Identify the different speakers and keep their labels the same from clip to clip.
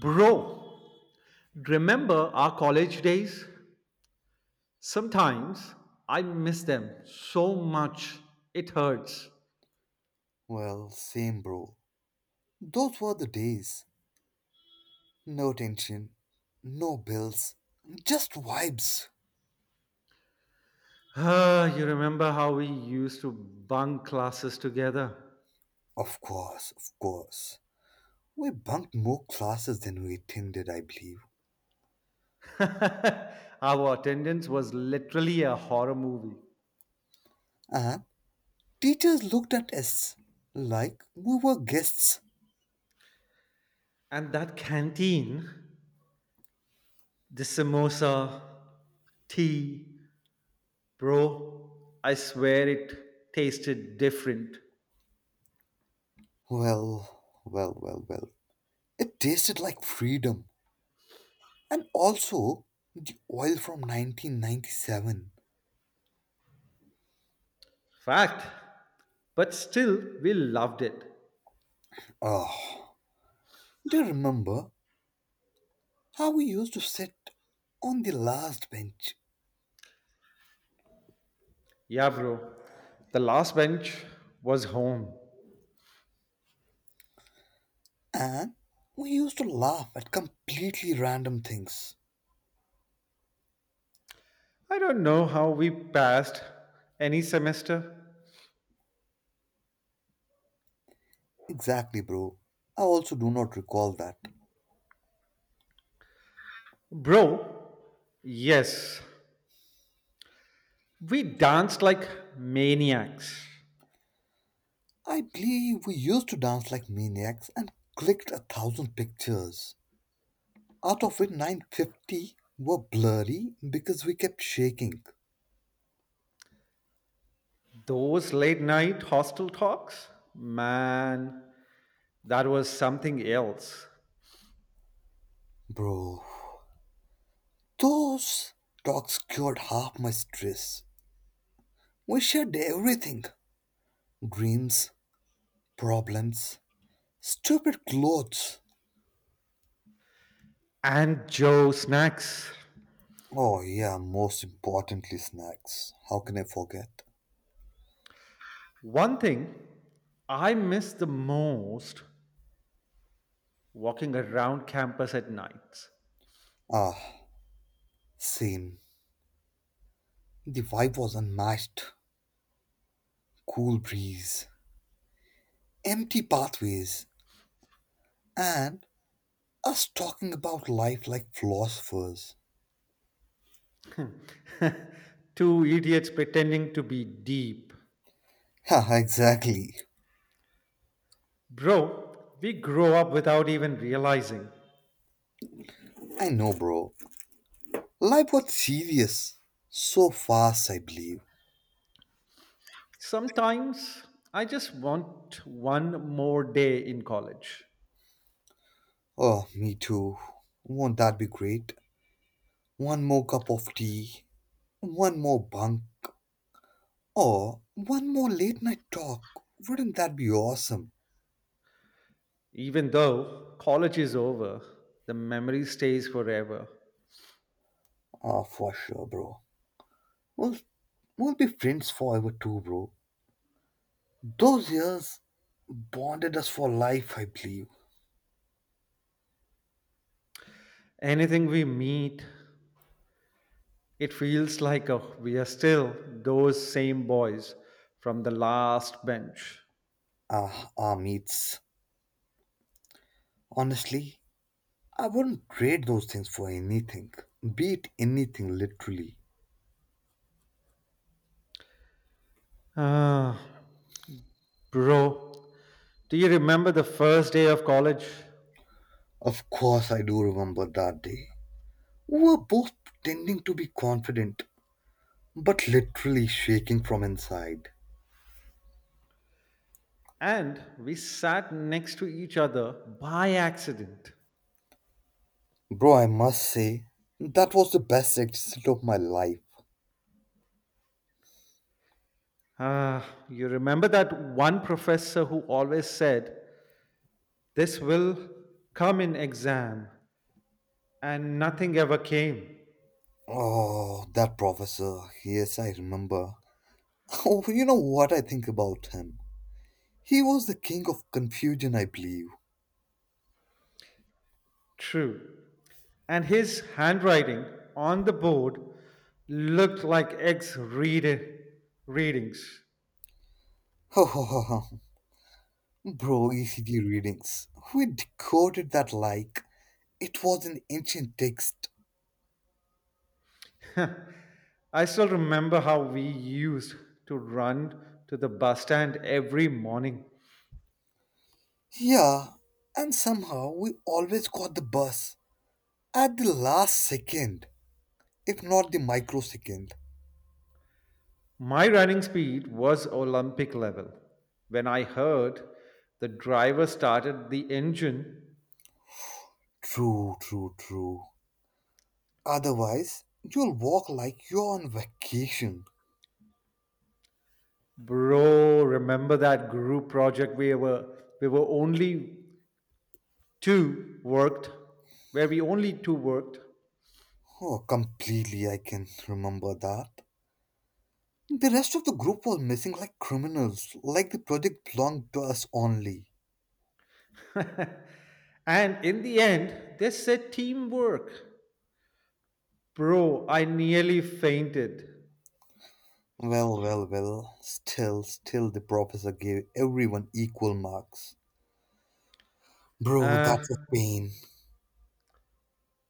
Speaker 1: Bro, remember our college days? Sometimes I miss them so much, it hurts.
Speaker 2: Well, same, bro. Those were the days. No tension, no bills, just vibes.
Speaker 1: Ah, you remember how we used to bunk classes together?
Speaker 2: Of course, of course. We bunked more classes than we attended, I believe.
Speaker 1: Our attendance was literally a horror movie.
Speaker 2: And teachers looked at us like we were guests.
Speaker 1: And that canteen, the samosa, tea, bro, I swear it tasted different.
Speaker 2: Well. It tasted like freedom. And also, the oil from 1997.
Speaker 1: Fact, but still, we loved it.
Speaker 2: Oh, do you remember how we used to sit on the last bench.
Speaker 1: Yeah, bro. The last bench was home.
Speaker 2: And we used to laugh at completely random things.
Speaker 1: I don't know how we passed any semester.
Speaker 2: Exactly, bro. I also do not recall that.
Speaker 1: Bro, yes, we danced like maniacs.
Speaker 2: I believe we used to dance like maniacs and clicked a thousand pictures. Out of it, 950 were blurry because we kept shaking.
Speaker 1: Those late night hostel talks, man, that was something else.
Speaker 2: Bro, those talks cured half my stress. We shared everything: dreams, problems, stupid clothes.
Speaker 1: And Joe snacks.
Speaker 2: Oh, yeah, most importantly, snacks. How can I forget?
Speaker 1: One thing I miss the most, walking around campus at nights.
Speaker 2: Ah, same. The vibe was unmatched. Cool breeze, empty pathways, and us talking about life like philosophers.
Speaker 1: Two idiots pretending to be deep.
Speaker 2: Haha, exactly.
Speaker 1: Bro, we grow up without even realizing.
Speaker 2: I know, bro. Life was serious. So fast, I believe.
Speaker 1: Sometimes I just want one more day in college.
Speaker 2: Oh, me too. Won't that be great? One more cup of tea, one more bunk, or one more late night talk. Wouldn't that be awesome?
Speaker 1: Even though college is over, the memory stays forever.
Speaker 2: Ah, for sure, bro. We'll, we'll be friends forever too, bro. Those years bonded us for life, I believe.
Speaker 1: Anything we meet, it feels like we are still those same boys from the last bench.
Speaker 2: Ah, our meets. Honestly, I wouldn't trade those things for anything. Be it anything, literally.
Speaker 1: Ah, bro, do you remember the first day of college?
Speaker 2: Of course, I do remember that day. We were both pretending to be confident, but literally shaking from inside.
Speaker 1: And we sat next to each other by accident.
Speaker 2: Bro, I must say, that was the best exit of my life.
Speaker 1: Ah, you remember that one professor who always said, "This will come in exam," and nothing ever came.
Speaker 2: Oh, that professor. Yes, I remember. Oh, you know what I think about him? He was the king of confusion, I believe.
Speaker 1: True. And his handwriting on the board looked like ex readings.
Speaker 2: Bro, ECG readings. We decoded that like it was an ancient text.
Speaker 1: I still remember how we used to run to the bus stand every morning.
Speaker 2: Yeah, and somehow we always got the bus at the last second, if not the microsecond.
Speaker 1: My running speed was Olympic level when I heard the driver started the engine.
Speaker 2: True. Otherwise, you'll walk like you're on vacation.
Speaker 1: Bro, remember that group project we were only two worked, where we only two worked?
Speaker 2: Oh, completely, I can remember that. The rest of the group was missing like criminals, like the project belonged to us only.
Speaker 1: And in the end, they said teamwork. Bro, I nearly fainted.
Speaker 2: Well, still the professor gave everyone equal marks. Bro,
Speaker 1: Uh,
Speaker 2: that's a pain.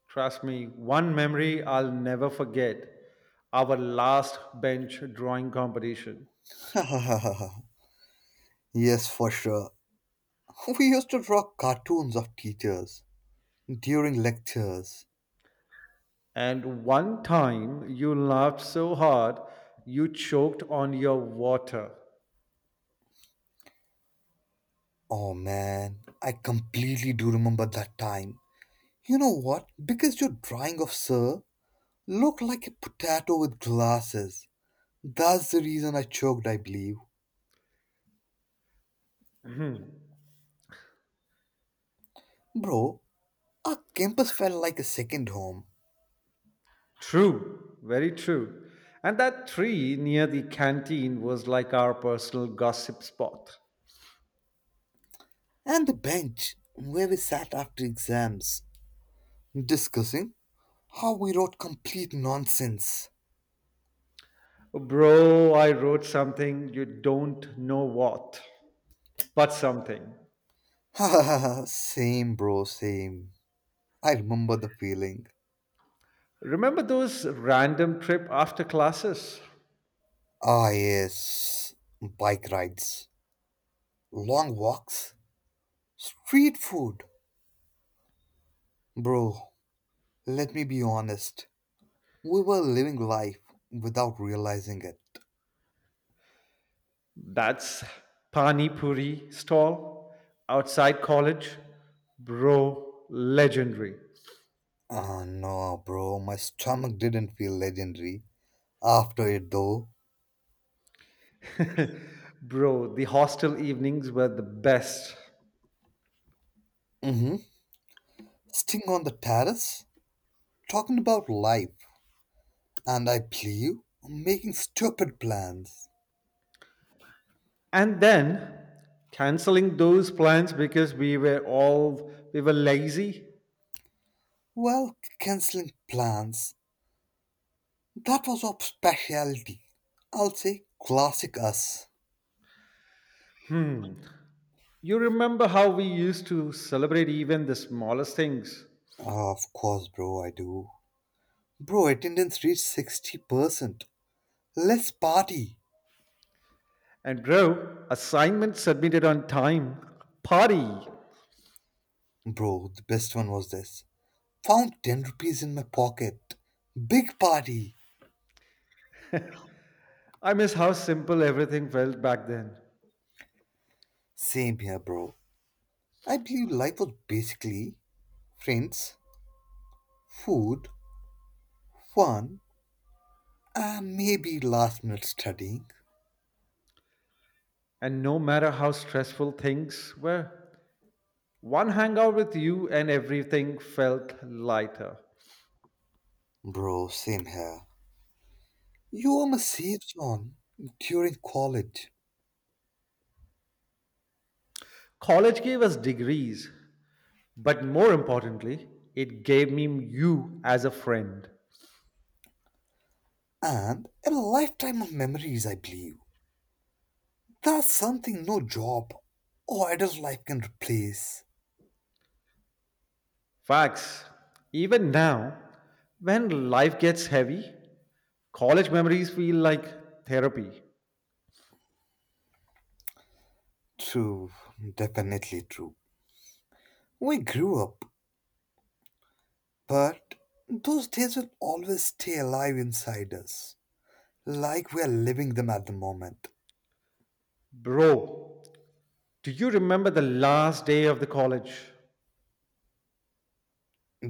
Speaker 1: Trust me, one memory I'll never forget. Our last bench drawing competition.
Speaker 2: Yes, for sure. We used to draw cartoons of teachers during lectures.
Speaker 1: And one time you laughed so hard you choked on your water.
Speaker 2: Oh man, I completely do remember that time. You know what? Because your drawing of Sir looked like a potato with glasses. That's the reason I choked, I believe. Bro, our campus felt like a second home.
Speaker 1: True, very true. And that tree near the canteen was like our personal gossip spot.
Speaker 2: And the bench where we sat after exams, discussing how we wrote complete nonsense.
Speaker 1: Bro, I wrote something, you don't know what, but something.
Speaker 2: Same, bro, same. I remember the feeling.
Speaker 1: Remember those random trip after classes?
Speaker 2: Ah, yes. Bike rides, long walks, street food. Bro, let me be honest. We were living life without realizing it.
Speaker 1: That's Pani Puri stall outside college. Bro, legendary.
Speaker 2: Ah, no, bro, my stomach didn't feel legendary after it, though.
Speaker 1: Bro, the hostel evenings were the best.
Speaker 2: Mm-hmm. Sting on the terrace, talking about life, and I believe making stupid plans.
Speaker 1: And then canceling those plans because we were lazy.
Speaker 2: Well, cancelling plans, that was our specialty. I'll say classic us.
Speaker 1: hmm you remember how we used to celebrate even the smallest things?
Speaker 2: Ah, of course, bro, I do. Bro, attendance reached 60%. Let's party.
Speaker 1: And bro, assignment submitted on time, party.
Speaker 2: Bro, the best one was this. Found 10 rupees in my pocket. Big party.
Speaker 1: I miss how simple everything felt back then.
Speaker 2: Same here, bro. I believe life was basically friends, food, fun, and maybe last minute studying.
Speaker 1: And no matter how stressful things were, one hangout with you and everything felt lighter.
Speaker 2: Bro, same here. You were my safe zone during college,
Speaker 1: College gave us degrees, but more importantly, it gave me you as a friend.
Speaker 2: and a lifetime of memories, I believe. That's something no job or adult life can replace.
Speaker 1: Facts. Even now, when life gets heavy, college memories feel like therapy.
Speaker 2: True, definitely true. We grew up, but those days will always stay alive inside us, like we are living them at the moment.
Speaker 1: Bro, do you remember the last day of the college?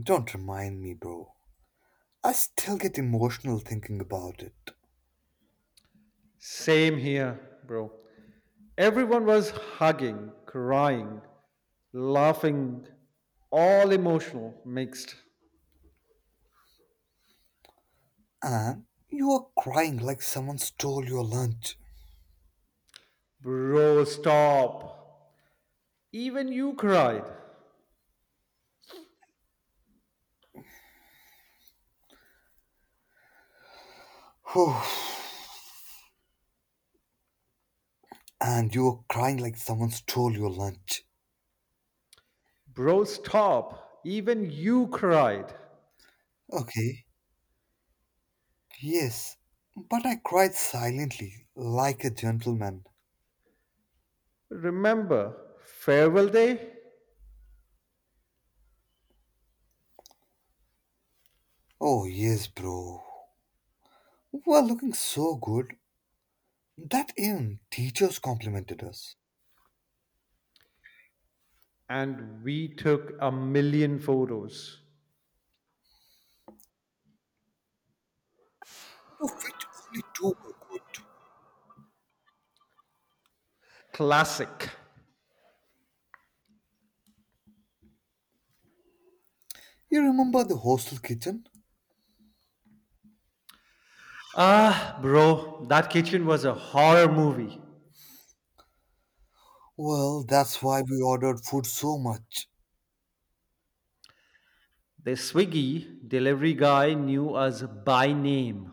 Speaker 2: Don't remind me, bro. I still get emotional thinking about it.
Speaker 1: Same here, bro. Everyone was hugging, crying, laughing, all emotional, mixed.
Speaker 2: And you are crying like someone stole your lunch.
Speaker 1: Bro, stop. Even you cried.
Speaker 2: Whew. And you were crying like someone stole your lunch.
Speaker 1: Bro, stop. Even you cried.
Speaker 2: Okay, yes. But I cried silently, like a gentleman.
Speaker 1: Remember, farewell day?
Speaker 2: Oh, yes, bro. We were looking so good that even teachers complimented us.
Speaker 1: And we took a million photos.
Speaker 2: To fit only two were good.
Speaker 1: Classic.
Speaker 2: You remember the hostel kitchen?
Speaker 1: Ah, bro, that kitchen was a horror movie.
Speaker 2: Well, that's why we ordered food so much.
Speaker 1: The Swiggy delivery guy knew us by name.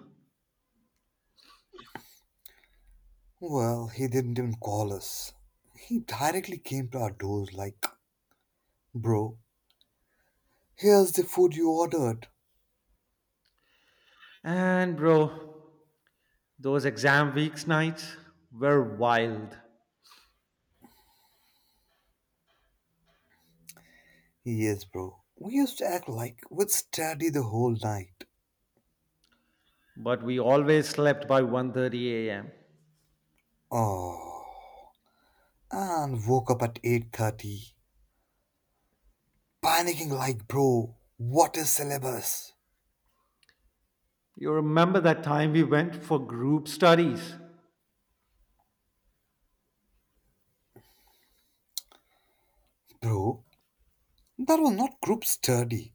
Speaker 2: Well, he didn't even call us. He directly came to our doors like, "Bro, here's the food you ordered."
Speaker 1: And, bro, those exam weeks nights were wild.
Speaker 2: Yes, bro. We used to act like we'd study the whole night.
Speaker 1: But we always slept by 1:30 a.m.
Speaker 2: Oh. And woke up at 8:30, panicking like, "Bro, what is syllabus?"
Speaker 1: You remember that time we went for group studies?
Speaker 2: Bro, that was not group study.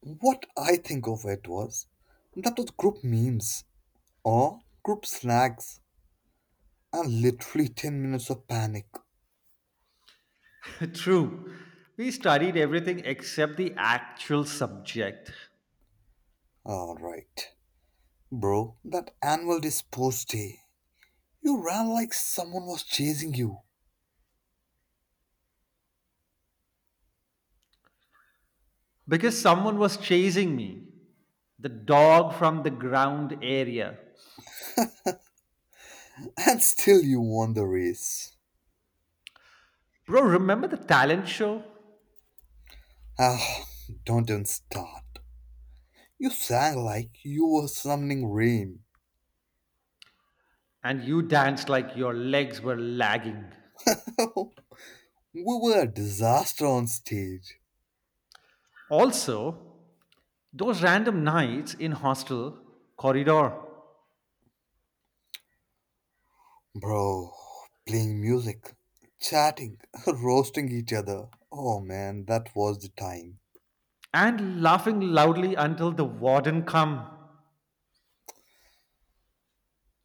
Speaker 2: What I think of it was that was group memes or group snags and literally 10 minutes of panic.
Speaker 1: True. We studied everything except the actual subject.
Speaker 2: Alright, bro, that annual day sports day. You ran like someone was chasing you
Speaker 1: Because someone was chasing me. The dog from the ground area.
Speaker 2: and still you won the race.
Speaker 1: Bro, remember the talent show?
Speaker 2: Ah, don't even start. You sang like you were summoning rain.
Speaker 1: And you danced like your legs were lagging.
Speaker 2: We were a disaster on stage.
Speaker 1: Also, those random nights in hostel corridor
Speaker 2: Bro, playing music, chatting, roasting each other. Oh man, that was the time.
Speaker 1: and laughing loudly until the warden come.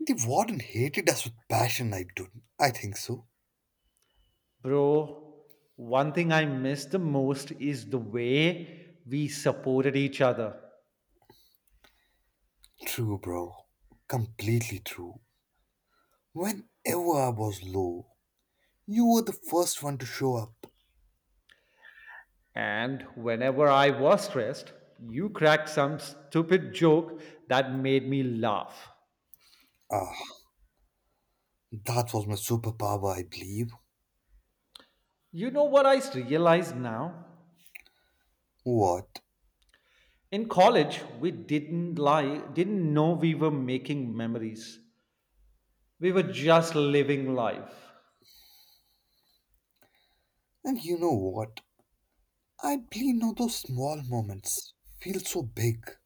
Speaker 2: The warden hated us with passion, I do. I think so.
Speaker 1: Bro, one thing I miss the most is the way we supported each other.
Speaker 2: True, bro. Completely true. Whenever I was low, you were the first one to show up.
Speaker 1: And whenever I was stressed, you cracked some stupid joke that made me laugh.
Speaker 2: Ah, that was my superpower, I believe.
Speaker 1: You know what I realize now?
Speaker 2: What?
Speaker 1: In college, we didn't lie, didn't know we were making memories. We were just living life.
Speaker 2: And you know what? I believe now those small moments feel so big.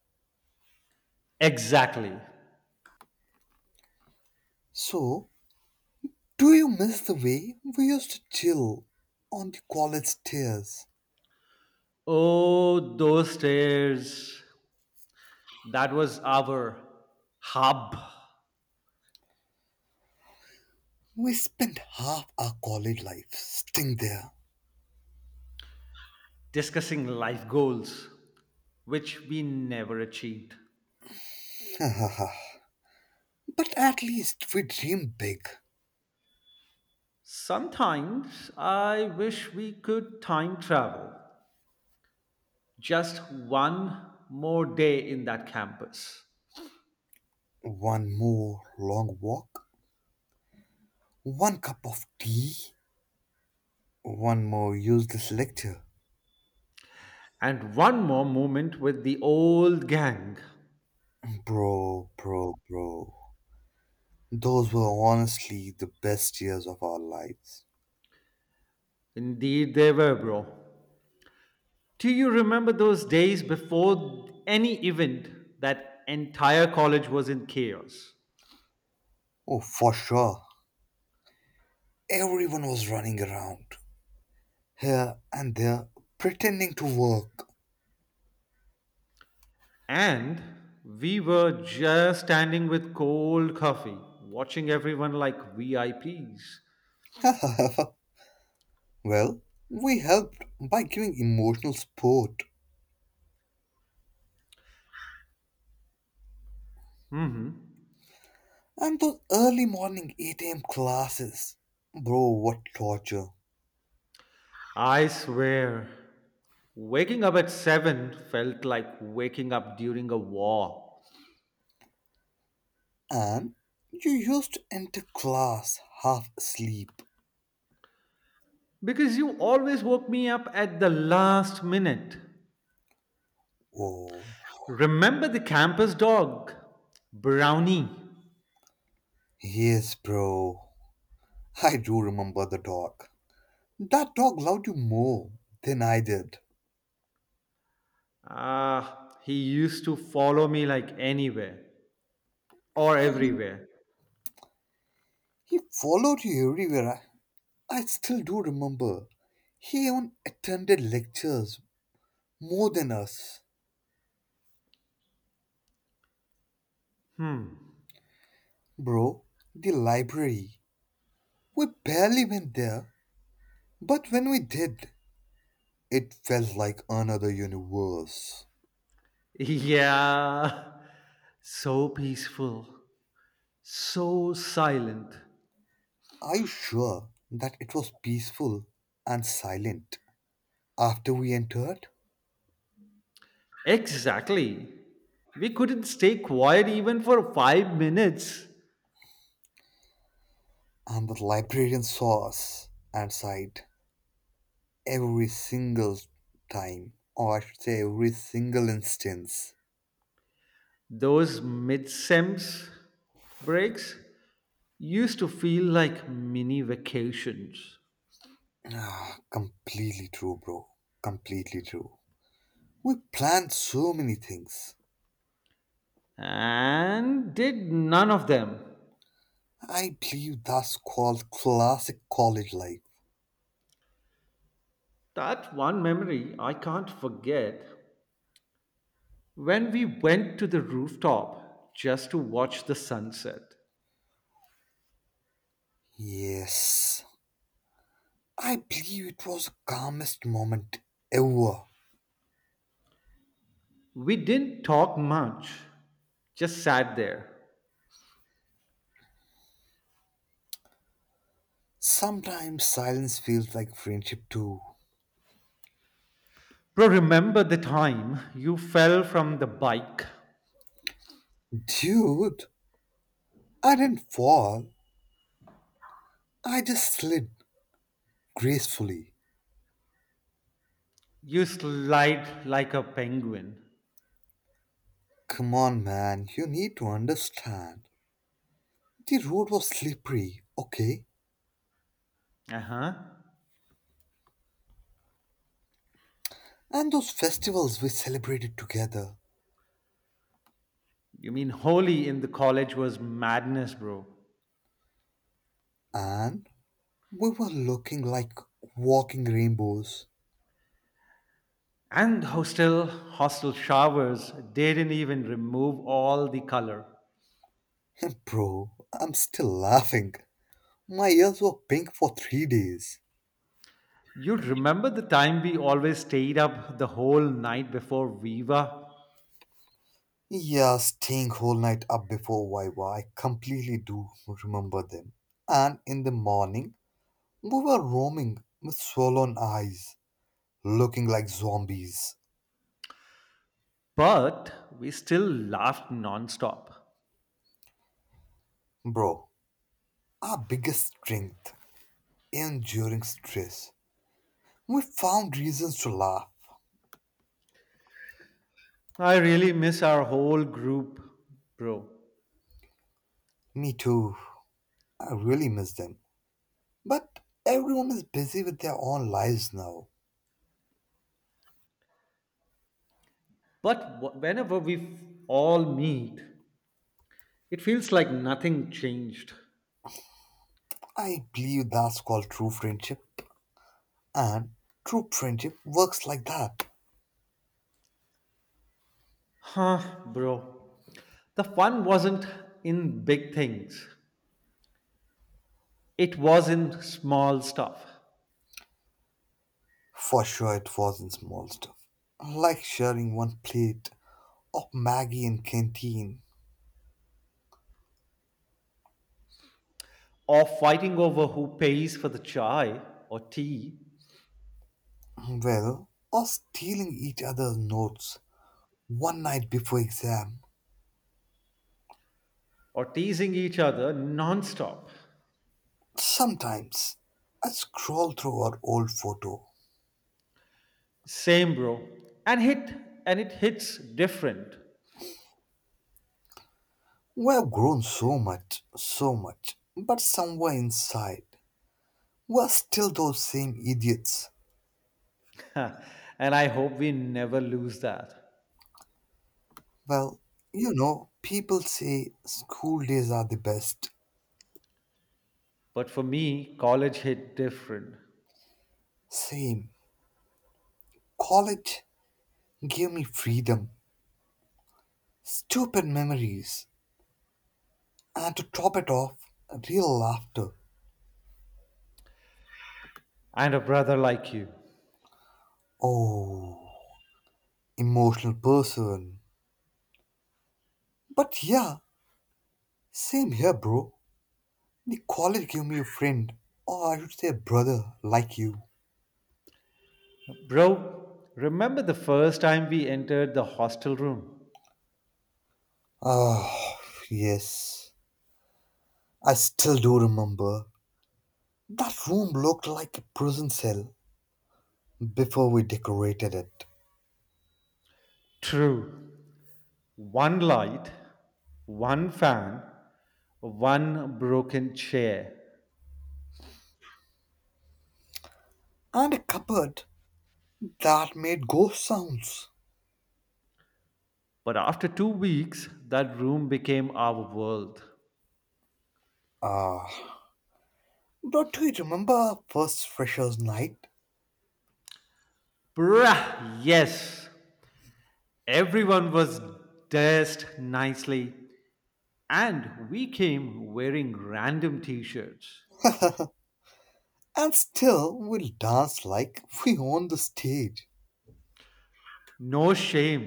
Speaker 1: Exactly.
Speaker 2: So, do you miss the way we used to chill on the college stairs?
Speaker 1: Oh, those stairs. That was our hub,
Speaker 2: We spent half our college life sitting there.
Speaker 1: discussing life goals, which we never achieved.
Speaker 2: But at least we dreamed big.
Speaker 1: Sometimes I wish we could time travel, just one more day in that campus
Speaker 2: One more long walk, one cup of tea, one more useless lecture.
Speaker 1: and one more moment with the old gang.
Speaker 2: Bro. Those were honestly the best years of our lives.
Speaker 1: Indeed, they were, bro. Do you remember those days before any event that entire college was in chaos?
Speaker 2: Oh, for sure. Everyone was running around, here and there, pretending to work.
Speaker 1: And we were just standing with cold coffee, watching everyone like VIPs.
Speaker 2: Well, we helped by giving emotional support.
Speaker 1: hmm
Speaker 2: And those early morning 8 a.m. classes. Bro, what torture.
Speaker 1: I swear, waking up at 7 felt like waking up during a war.
Speaker 2: And you used to enter class half asleep.
Speaker 1: Because you always woke me up at the last minute.
Speaker 2: Oh,
Speaker 1: Remember the campus dog, Brownie?
Speaker 2: yes, bro. I do remember the dog. That dog loved you more than I did.
Speaker 1: Ah, he used to follow me like anywhere or
Speaker 2: Yeah, he,
Speaker 1: everywhere.
Speaker 2: he followed you everywhere. I still do remember. He even attended lectures more than us. Bro, the library. We barely went there, but when we did, it felt like another universe.
Speaker 1: Yeah, so peaceful, so silent.
Speaker 2: Are you sure that it was peaceful and silent? After we entered,
Speaker 1: Exactly. We couldn't stay quiet even for 5 minutes.
Speaker 2: and the librarian saw us and sighed every single time, or I should say, every single instance.
Speaker 1: Those midsems breaks used to feel like mini vacations,
Speaker 2: Ah, completely true, bro. Completely true. We planned so many things.
Speaker 1: and did none of them.
Speaker 2: I believe that's called classic college life.
Speaker 1: That one memory I can't forget, when we went to the rooftop just to watch the sunset.
Speaker 2: Yes, I believe it was the calmest moment ever.
Speaker 1: We didn't talk much, just sat there.
Speaker 2: Sometimes silence feels like friendship too.
Speaker 1: Bro, remember the time you fell from the bike?
Speaker 2: Dude, I didn't fall, I just slid gracefully.
Speaker 1: You slide like a penguin.
Speaker 2: Come on, man, you need to understand. The road was slippery, okay?
Speaker 1: Uh huh.
Speaker 2: And those festivals we celebrated together.
Speaker 1: You mean holy in the college was madness, bro.
Speaker 2: And we were looking like walking rainbows.
Speaker 1: And hostel showers, they didn't even remove all the color.
Speaker 2: Bro, I'm still laughing. My ears were pink for 3 days.
Speaker 1: You remember the time we always stayed up the whole night before Viva,
Speaker 2: Yeah, staying whole night up before Viva, I completely do remember them. And in the morning, we were roaming with swollen eyes, looking like zombies.
Speaker 1: but we still laughed nonstop.
Speaker 2: Bro, our biggest strength, even during stress, we found reasons to laugh.
Speaker 1: I really miss our whole group, bro.
Speaker 2: Me too. I really miss them. But everyone is busy with their own lives now.
Speaker 1: But whenever we all meet, it feels like nothing changed.
Speaker 2: I believe that's called true friendship, and true friendship works like that.
Speaker 1: Huh, bro. The fun wasn't in big things, it was in small stuff.
Speaker 2: For sure, it was in small stuff, like sharing one plate of Maggie in canteen,
Speaker 1: Or fighting over who pays for the chai or tea,
Speaker 2: well, or stealing each other's notes one night before exam.
Speaker 1: or teasing each other nonstop.
Speaker 2: Sometimes I scroll through our old photo.
Speaker 1: Same, bro. And hit and it hits different.
Speaker 2: We have grown so much, but somewhere inside, we're still those same idiots.
Speaker 1: And I hope we never lose that.
Speaker 2: Well, you know, people say school days are the best.
Speaker 1: But for me, college hit different.
Speaker 2: Same. College gave me freedom, stupid memories, and to top it off, real laughter.
Speaker 1: And a brother like you.
Speaker 2: Oh, emotional person. But yeah, same here, bro. The college gave me a friend, or I should say a brother like you.
Speaker 1: Bro, remember the first time we entered the hostel room?
Speaker 2: Ah, yes. I still do remember. That room looked like a prison cell before we decorated it.
Speaker 1: True. One light, one fan, one broken chair.
Speaker 2: And a cupboard that made ghost sounds.
Speaker 1: But after 2 weeks, that room became our world.
Speaker 2: Ah, don't you remember our first freshers' night?
Speaker 1: Bruh, yes. Everyone was dressed nicely. And we came wearing random t shirts.
Speaker 2: And still, we'll dance like we own the stage.
Speaker 1: No shame,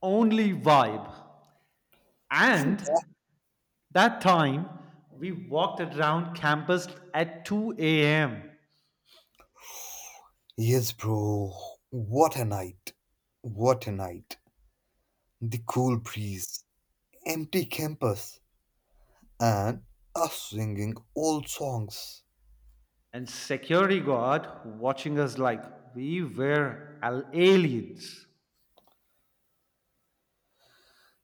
Speaker 1: only vibe.
Speaker 2: And
Speaker 1: And that time, we walked around campus at 2 a.m.
Speaker 2: yes, bro, what a night! What a night! The cool breeze, empty campus, and us singing old songs.
Speaker 1: and security guard watching us like we were aliens.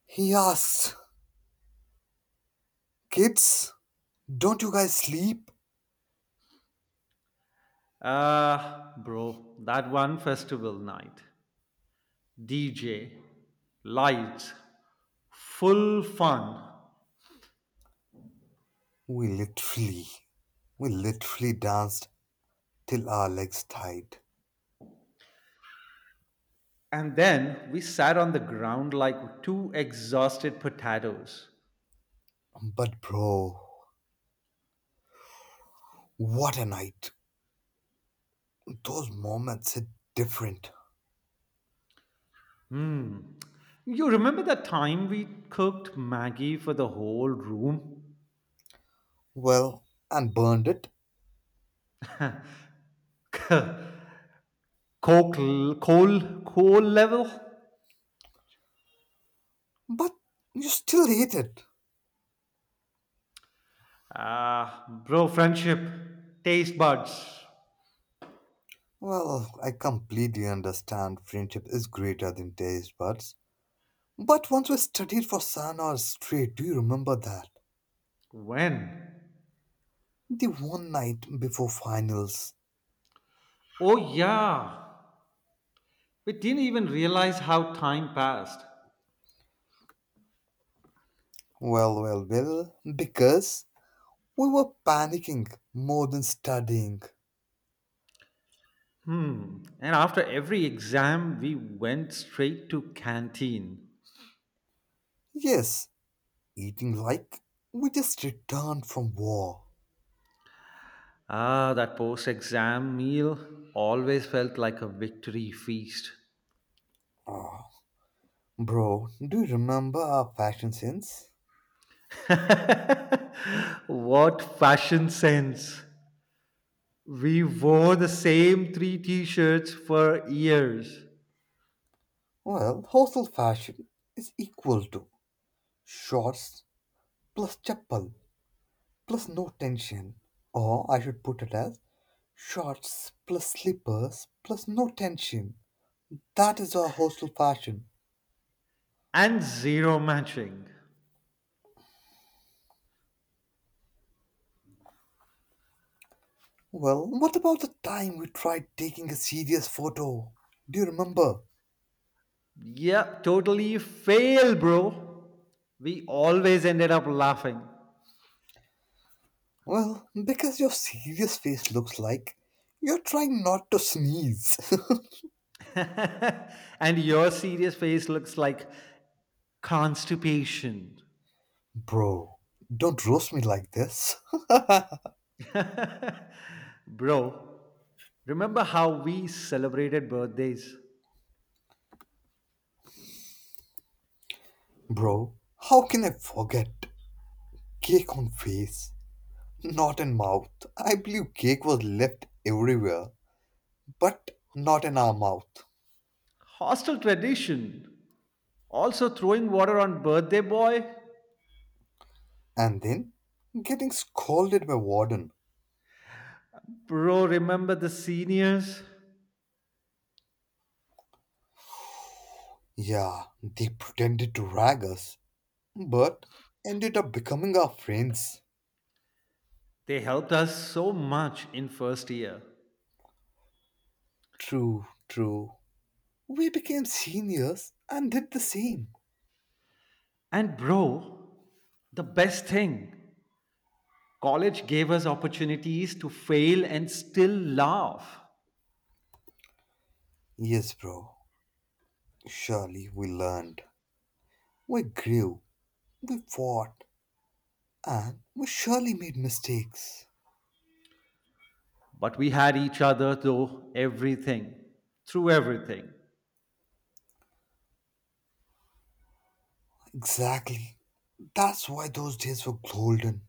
Speaker 2: He asks, "Kids, don't you guys sleep?"
Speaker 1: Ah, bro, that one festival night. DJ, lights, full fun.
Speaker 2: We literally, we literally danced till our legs tied.
Speaker 1: And then we sat on the ground like two exhausted potatoes.
Speaker 2: But, bro, what a night! Those moments hit different.
Speaker 1: You remember that time we cooked Maggie for the whole room?
Speaker 2: Well, and burned it,
Speaker 1: Coke, coal, coal level?
Speaker 2: but you still hate it.
Speaker 1: Ah, bro, friendship, taste buds.
Speaker 2: Well, I completely understand friendship is greater than taste buds. But once we studied for San or Street, do you remember that?
Speaker 1: When?
Speaker 2: The one night before finals.
Speaker 1: Oh, yeah. We didn't even realize how time passed.
Speaker 2: Well, because we were panicking more than studying.
Speaker 1: Hmm. And after every exam, we went straight to canteen.
Speaker 2: Yes, eating like we just returned from war.
Speaker 1: Ah, that post-exam meal always felt like a victory feast.
Speaker 2: Ah, bro, do you remember our fashion sense?
Speaker 1: What fashion sense! We wore the same three t-shirts for years
Speaker 2: Well, hostel fashion is equal to shorts plus chappal plus no tension. Or I should put it as shorts plus slippers plus no tension. That is our hostel fashion.
Speaker 1: and zero matching.
Speaker 2: Well, what about the time we tried taking a serious photo? Do you remember?
Speaker 1: Yep, totally fail, bro. We always ended up laughing.
Speaker 2: Well, because your serious face looks like you're trying not to sneeze.
Speaker 1: And your serious face looks like constipation.
Speaker 2: Bro, don't roast me like this.
Speaker 1: Bro, remember how we celebrated birthdays?
Speaker 2: Bro, how can I forget? Cake on face, not in mouth. I believe cake was left everywhere, but not in our mouth.
Speaker 1: Hostel tradition. Also throwing water on birthday boy?
Speaker 2: And then getting scolded by warden.
Speaker 1: Bro, remember the seniors?
Speaker 2: Yeah, they pretended to rag us, but ended up becoming our friends.
Speaker 1: They helped us so much in first year.
Speaker 2: True, true. We became seniors and did the same.
Speaker 1: And bro, the best thing, college gave us opportunities to fail and still laugh.
Speaker 2: Yes, bro. Surely we learned. We grew, we fought, and we surely made mistakes.
Speaker 1: But we had each other through everything, through everything.
Speaker 2: Exactly. That's why those days were golden.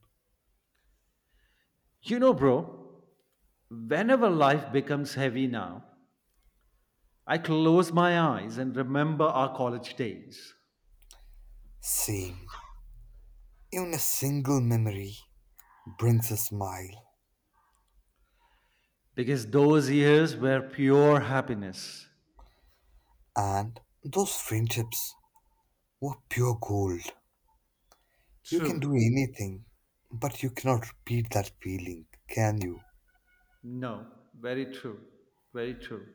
Speaker 1: You know, bro, whenever life becomes heavy now, I close my eyes and remember our college days.
Speaker 2: Same. Even a single memory brings a smile.
Speaker 1: Because those years were pure happiness.
Speaker 2: And those friendships were pure gold. You can do
Speaker 1: True.
Speaker 2: anything, but you cannot repeat that feeling, can you?
Speaker 1: No, very true. Very true.